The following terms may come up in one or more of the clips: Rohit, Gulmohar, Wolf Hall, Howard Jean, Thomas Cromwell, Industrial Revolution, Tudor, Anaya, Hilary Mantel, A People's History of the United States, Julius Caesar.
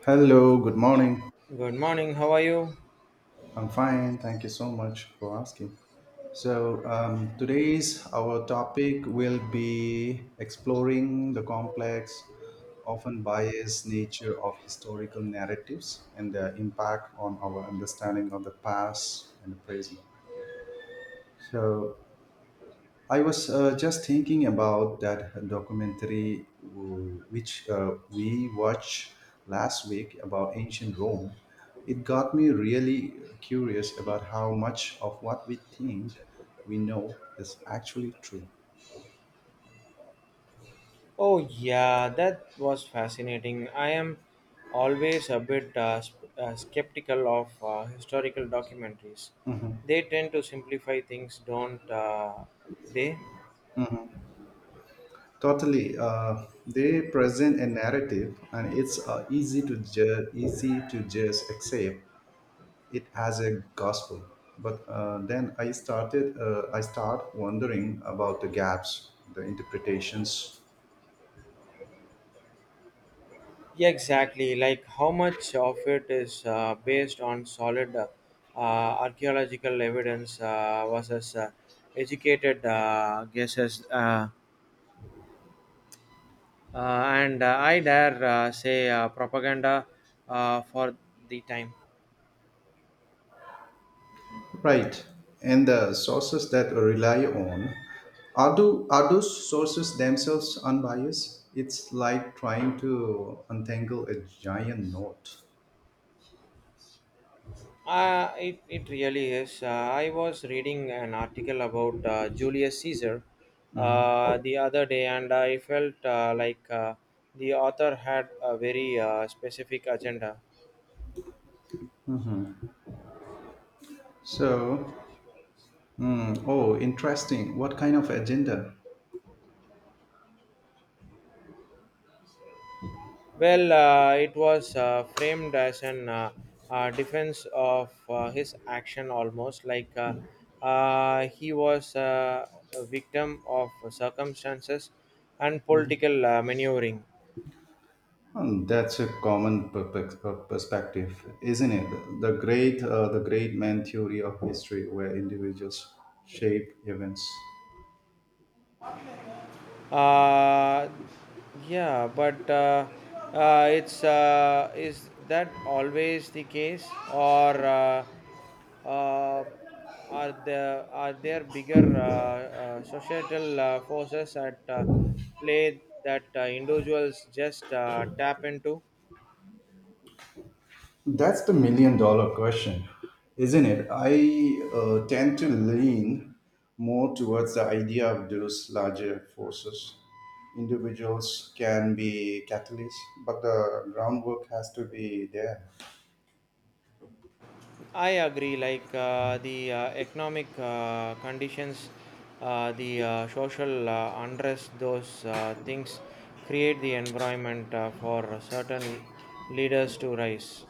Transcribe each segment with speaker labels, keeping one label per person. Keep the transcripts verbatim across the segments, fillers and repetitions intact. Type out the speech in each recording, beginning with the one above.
Speaker 1: Hello, good morning.
Speaker 2: Good morning, how are you?
Speaker 1: I'm fine. Thank you so much for asking. So, um, today's our topic will be exploring the complex, often biased nature of historical narratives and their impact on our understanding of the past and the present. So, I was uh, just thinking about that documentary w- which uh, we watched last week about ancient Rome. It got me really curious about how much of what we think we know is actually true.
Speaker 2: Oh, yeah, that was fascinating. I am always a bit uh, s- uh, skeptical of uh, historical documentaries. They tend to simplify things, don't uh, they?
Speaker 1: Totally, uh, they present a narrative, and it's uh, easy to ju- easy to just accept it as a gospel. But uh, then I started, uh, I start wondering about the gaps, the interpretations,
Speaker 2: Yeah, exactly. Like how much of it is uh, based on solid uh, uh, archaeological evidence uh, versus uh, educated uh, guesses, uh, uh, and uh, I dare uh, say uh, propaganda uh, for the time.
Speaker 1: right, and the sources that we rely on. Are do are those sources themselves unbiased? It's like trying to untangle a giant knot.
Speaker 2: Uh, it, it really is. Uh, I was reading an article about uh, Julius Caesar uh, the other day, and I felt uh, like uh, the author had a very uh, specific agenda.
Speaker 1: So, hmm, oh, interesting. What kind of agenda?
Speaker 2: Well, uh, it was uh, framed as an uh, uh, defense of uh, his action, almost like uh, uh, he was uh, a victim of circumstances and political uh, maneuvering.
Speaker 1: And that's a common per- per- per- perspective, isn't it? The great, uh, the great man theory of history, where individuals shape events.
Speaker 2: Uh, yeah, but uh, uh, it's, uh, is that always the case, or uh, uh, are there are there bigger uh, uh, societal uh, forces at uh, play that uh, individuals just uh, tap into?
Speaker 1: That's the million dollar question, isn't it? I uh, tend to lean more towards the idea of those larger forces. Individuals can be catalysts, but the groundwork has to be there.
Speaker 2: I agree, like uh, the uh, economic uh, conditions, uh, the uh, social uh, unrest, those uh, things create the environment uh, for certain leaders to rise.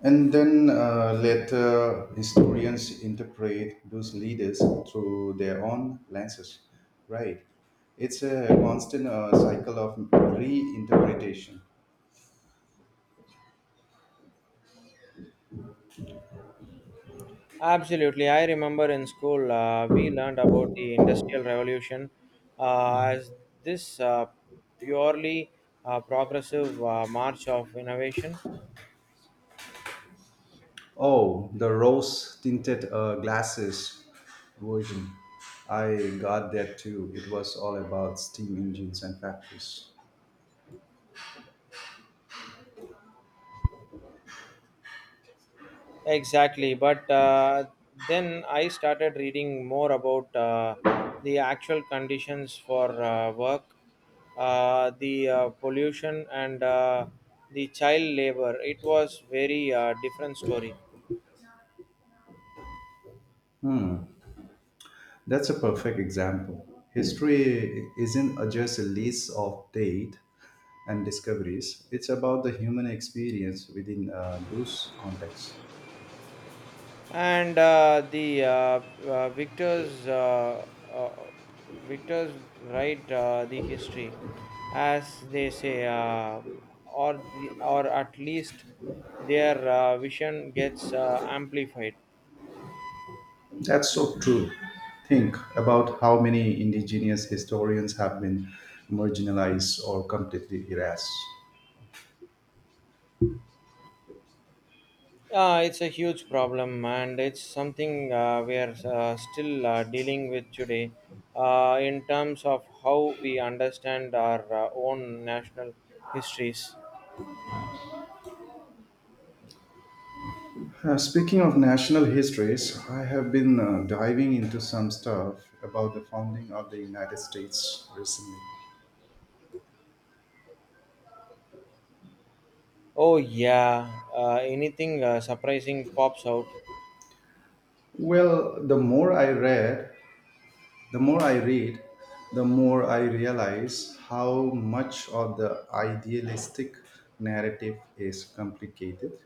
Speaker 1: And then uh, later, historians interpret those leaders through their own lenses, right? It's a constant uh, cycle of reinterpretation.
Speaker 2: Absolutely. I remember in school uh, we learned about the Industrial Revolution uh, as this uh, purely uh, progressive uh, march of innovation.
Speaker 1: Oh, the rose tinted uh, glasses version. I got that too. It was all about steam engines and factories.
Speaker 2: Exactly. But uh, then I started reading more about uh, the actual conditions for uh, work, uh, the uh, pollution, and uh, the child labor. It was very uh, different story.
Speaker 1: That's a perfect example. History isn't a- just a list of date and discoveries. It's about the human experience within uh, those contexts.
Speaker 2: And uh, the uh, uh, victors, uh, uh, victors write uh, the history, as they say, uh, or the, or at least their uh, vision gets uh, amplified.
Speaker 1: That's so true. Think about how many indigenous historians have been marginalized or completely erased.
Speaker 2: Uh, it's a huge problem, and it's something uh, we are uh, still uh, dealing with today uh, in terms of how we understand our uh, own national histories.
Speaker 1: Uh, speaking of national histories, I have been uh, diving into some stuff about the founding of the United States recently.
Speaker 2: Oh, yeah, uh, anything uh, surprising pops out.
Speaker 1: Well, the more I read, The more I read, the more I realize how much of the idealistic narrative is complicated,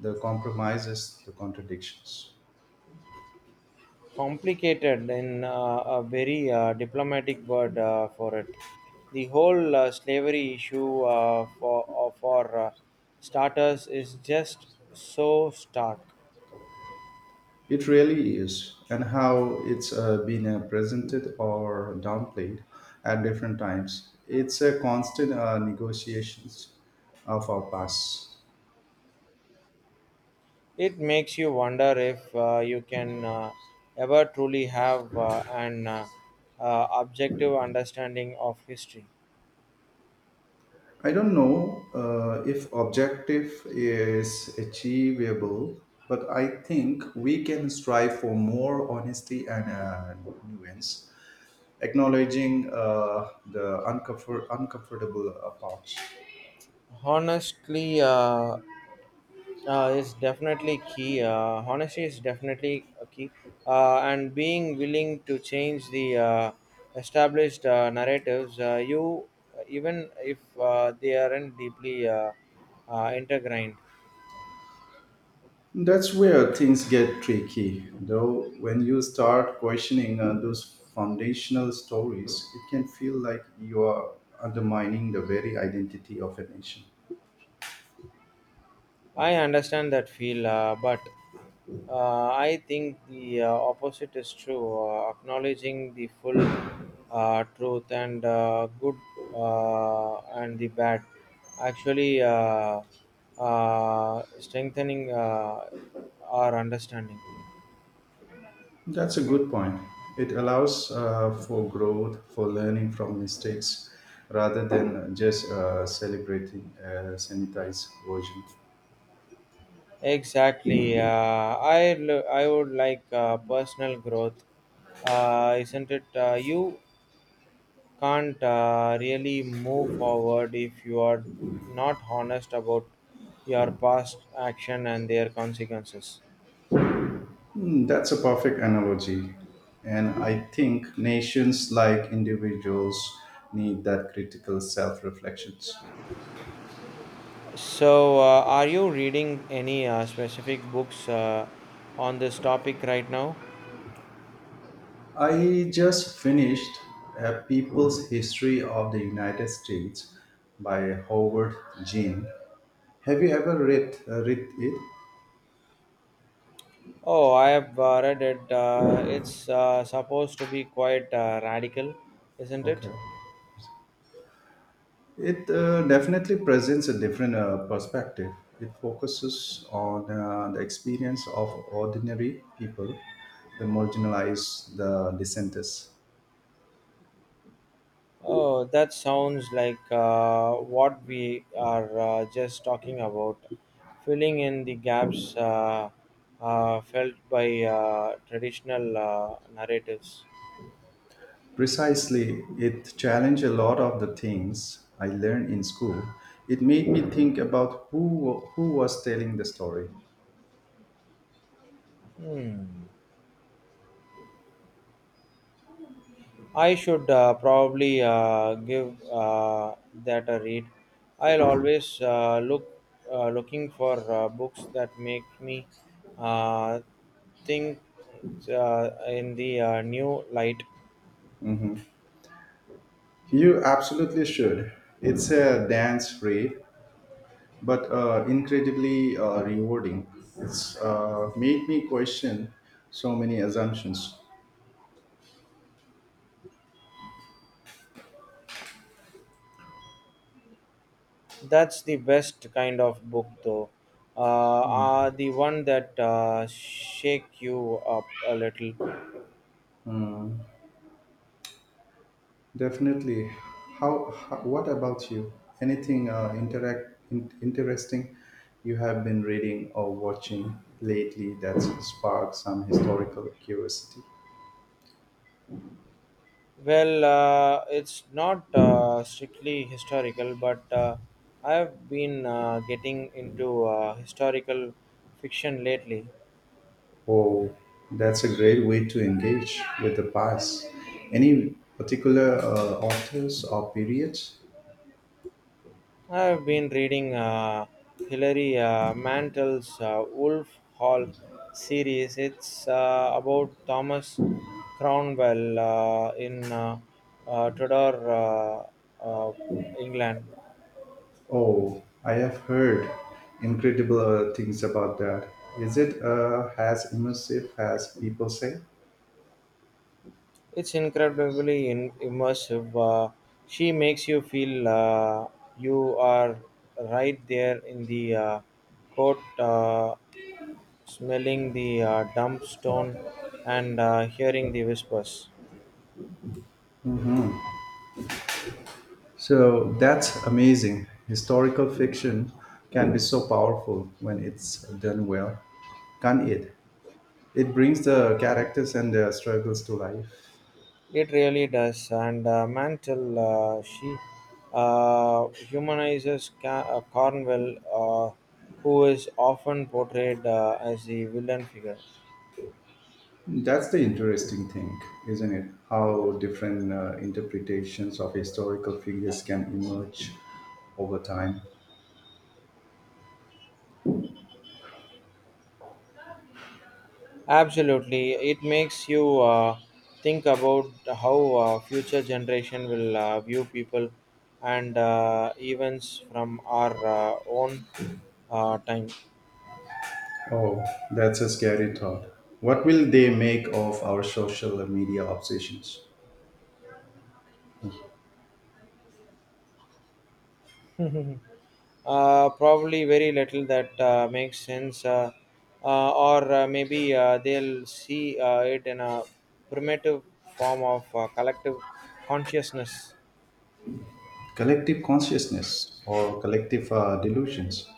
Speaker 1: the compromises, the contradictions.
Speaker 2: Complicated in uh, a very uh, diplomatic word uh, for it. The whole uh, slavery issue, uh, for, uh, for uh, starters, is just so stark.
Speaker 1: It really is, and how it's uh, been uh, presented or downplayed at different times. It's a constant uh, negotiations of our past.
Speaker 2: It makes you wonder if uh, you can uh, ever truly have uh, an uh, uh, objective understanding of history.
Speaker 1: I don't know uh, if objective is achievable, but I think we can strive for more honesty and uh, nuance, acknowledging uh, the uncomfort- uncomfortable uh, parts.
Speaker 2: Honestly uh, uh, is definitely key. Uh, honesty is definitely a key, uh, and being willing to change the uh, established uh, narratives, uh, you even if uh, they aren't deeply uh, uh, intertwined.
Speaker 1: That's where things get tricky, though. When you start questioning uh, those foundational stories, it can feel like you are undermining the very identity of a nation.
Speaker 2: I understand that feel, uh, but uh, I think the uh, opposite is true. Uh, acknowledging the full uh, truth and uh, good uh, and the bad, actually uh, uh, strengthening uh, our understanding.
Speaker 1: That's a good point. It allows uh, for growth, for learning from mistakes, rather than just uh, celebrating a sanitized version.
Speaker 2: Exactly. Uh, I l- I would like uh, personal growth, uh, isn't it? Uh, you can't uh, really move forward if you are not honest about your past action and their consequences.
Speaker 1: Hmm, that's a perfect analogy. And I think nations, like individuals, need that critical self reflections.
Speaker 2: So, uh, are you reading any uh, specific books uh, on this topic right now?
Speaker 1: I just finished A People's History of the United States by Howard Jean. Have you ever read, uh, read it?
Speaker 2: Oh, I have uh, read it. Uh, it's uh, supposed to be quite uh, radical, isn't it?
Speaker 1: Okay. It uh, definitely presents a different uh, perspective. It focuses on uh, the experience of ordinary people, the marginalized, the dissenters.
Speaker 2: Oh, that sounds like uh, what we are uh, just talking about, filling in the gaps uh, uh, felt by uh, traditional uh, narratives.
Speaker 1: Precisely, it challenged a lot of the things I learned in school. It made me think about who who was telling the story.
Speaker 2: Hmm. I should uh, probably uh, give uh, that a read. I'll always uh, look uh, looking for uh, books that make me uh, think uh, in the uh, new light.
Speaker 1: Mhm. You absolutely should. It's a dance, Ray. But uh, incredibly uh, rewarding. It's uh, made me question so many assumptions.
Speaker 2: That's the best kind of book, though. Uh, uh, the one that uh, shake you up a little.
Speaker 1: Uh, Definitely. How, how? What about you? Anything uh, interact in, interesting you have been reading or watching lately that's sparked some historical curiosity?
Speaker 2: Well, uh, it's not uh, strictly historical, but uh, I've been uh, getting into uh, historical fiction lately.
Speaker 1: Oh, that's a great way to engage with the past. Any particular uh, authors or periods?
Speaker 2: I've been reading uh, Hilary uh, Mantel's uh, Wolf Hall series. It's uh, about Thomas Cromwell uh, in uh, uh, Tudor uh, uh, England.
Speaker 1: Oh, I have heard incredible uh, things about that. Is it uh, as immersive as people say?
Speaker 2: It's incredibly in- immersive. Uh, she makes you feel uh, you are right there in the uh, court, uh, smelling the uh, dump stone and uh, hearing the whispers.
Speaker 1: So that's amazing. Historical fiction can be so powerful when it's done well, can't it? It brings the characters and their struggles to life.
Speaker 2: It really does. And uh, Mantle, uh, she uh, humanizes Ca- uh, Cornwell, uh, who is often portrayed uh, as the villain figure.
Speaker 1: That's the interesting thing, isn't it? How different uh, interpretations of historical figures can emerge over time.
Speaker 2: Absolutely, it makes you uh, think about how uh, future generation will uh, view people and uh, events from our uh, own uh, time.
Speaker 1: Oh, that's a scary thought. What will they make of our social media obsessions?
Speaker 2: Uh, probably very little that uh, makes sense, uh, uh, or uh, maybe uh, they'll see uh, it in a primitive form of uh, collective consciousness.
Speaker 1: Collective consciousness or collective uh, delusions?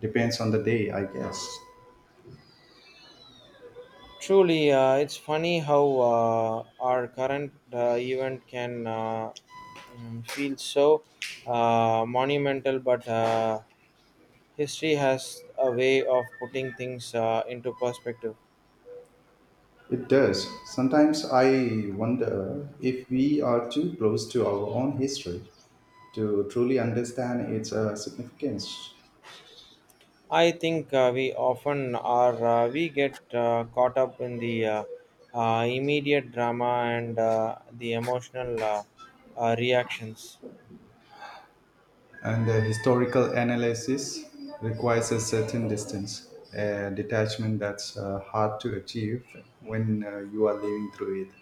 Speaker 1: Depends on the day, I guess.
Speaker 2: Truly, uh, it's funny how uh, our current uh, event can uh, mm, feel so uh, monumental, but uh, history has a way of putting things uh, into perspective.
Speaker 1: It does. Sometimes I wonder if we are too close to our own history to truly understand its uh, significance.
Speaker 2: I think uh, we often are. Uh, we get uh, caught up in the uh, uh, immediate drama and uh, the emotional uh, uh, reactions.
Speaker 1: And the historical analysis requires a certain distance, a detachment that's uh, hard to achieve when uh, you are living through it.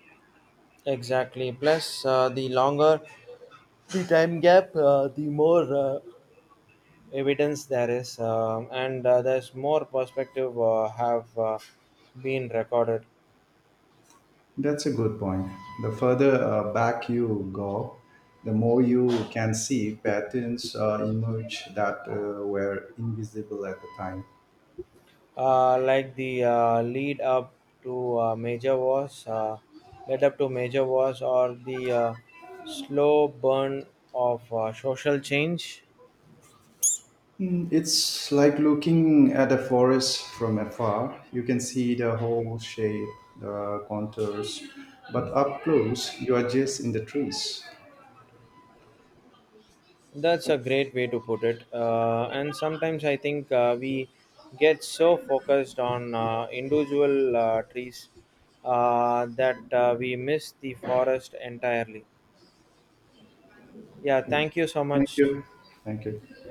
Speaker 2: Exactly. Plus, uh, the longer the time gap, uh, the more uh, evidence there is, um and uh, there's more perspective uh, have uh, been recorded.
Speaker 1: That's a good point. The further uh, back you go, the more you can see patterns uh, emerge that uh, were invisible at the time.
Speaker 2: Uh, like the uh, lead up to uh, major wars, uh, led up to major wars, or the uh, slow burn of uh, social change.
Speaker 1: Mm, it's like looking at a forest from afar. You can see the whole shape, the contours, but up close, you are just in the trees.
Speaker 2: That's a great way to put it. Uh, and sometimes I think uh, we get so focused on uh, individual uh, trees uh, that uh, we miss the forest entirely. Yeah, thank you so
Speaker 1: Thank
Speaker 2: much.
Speaker 1: you. Thank you.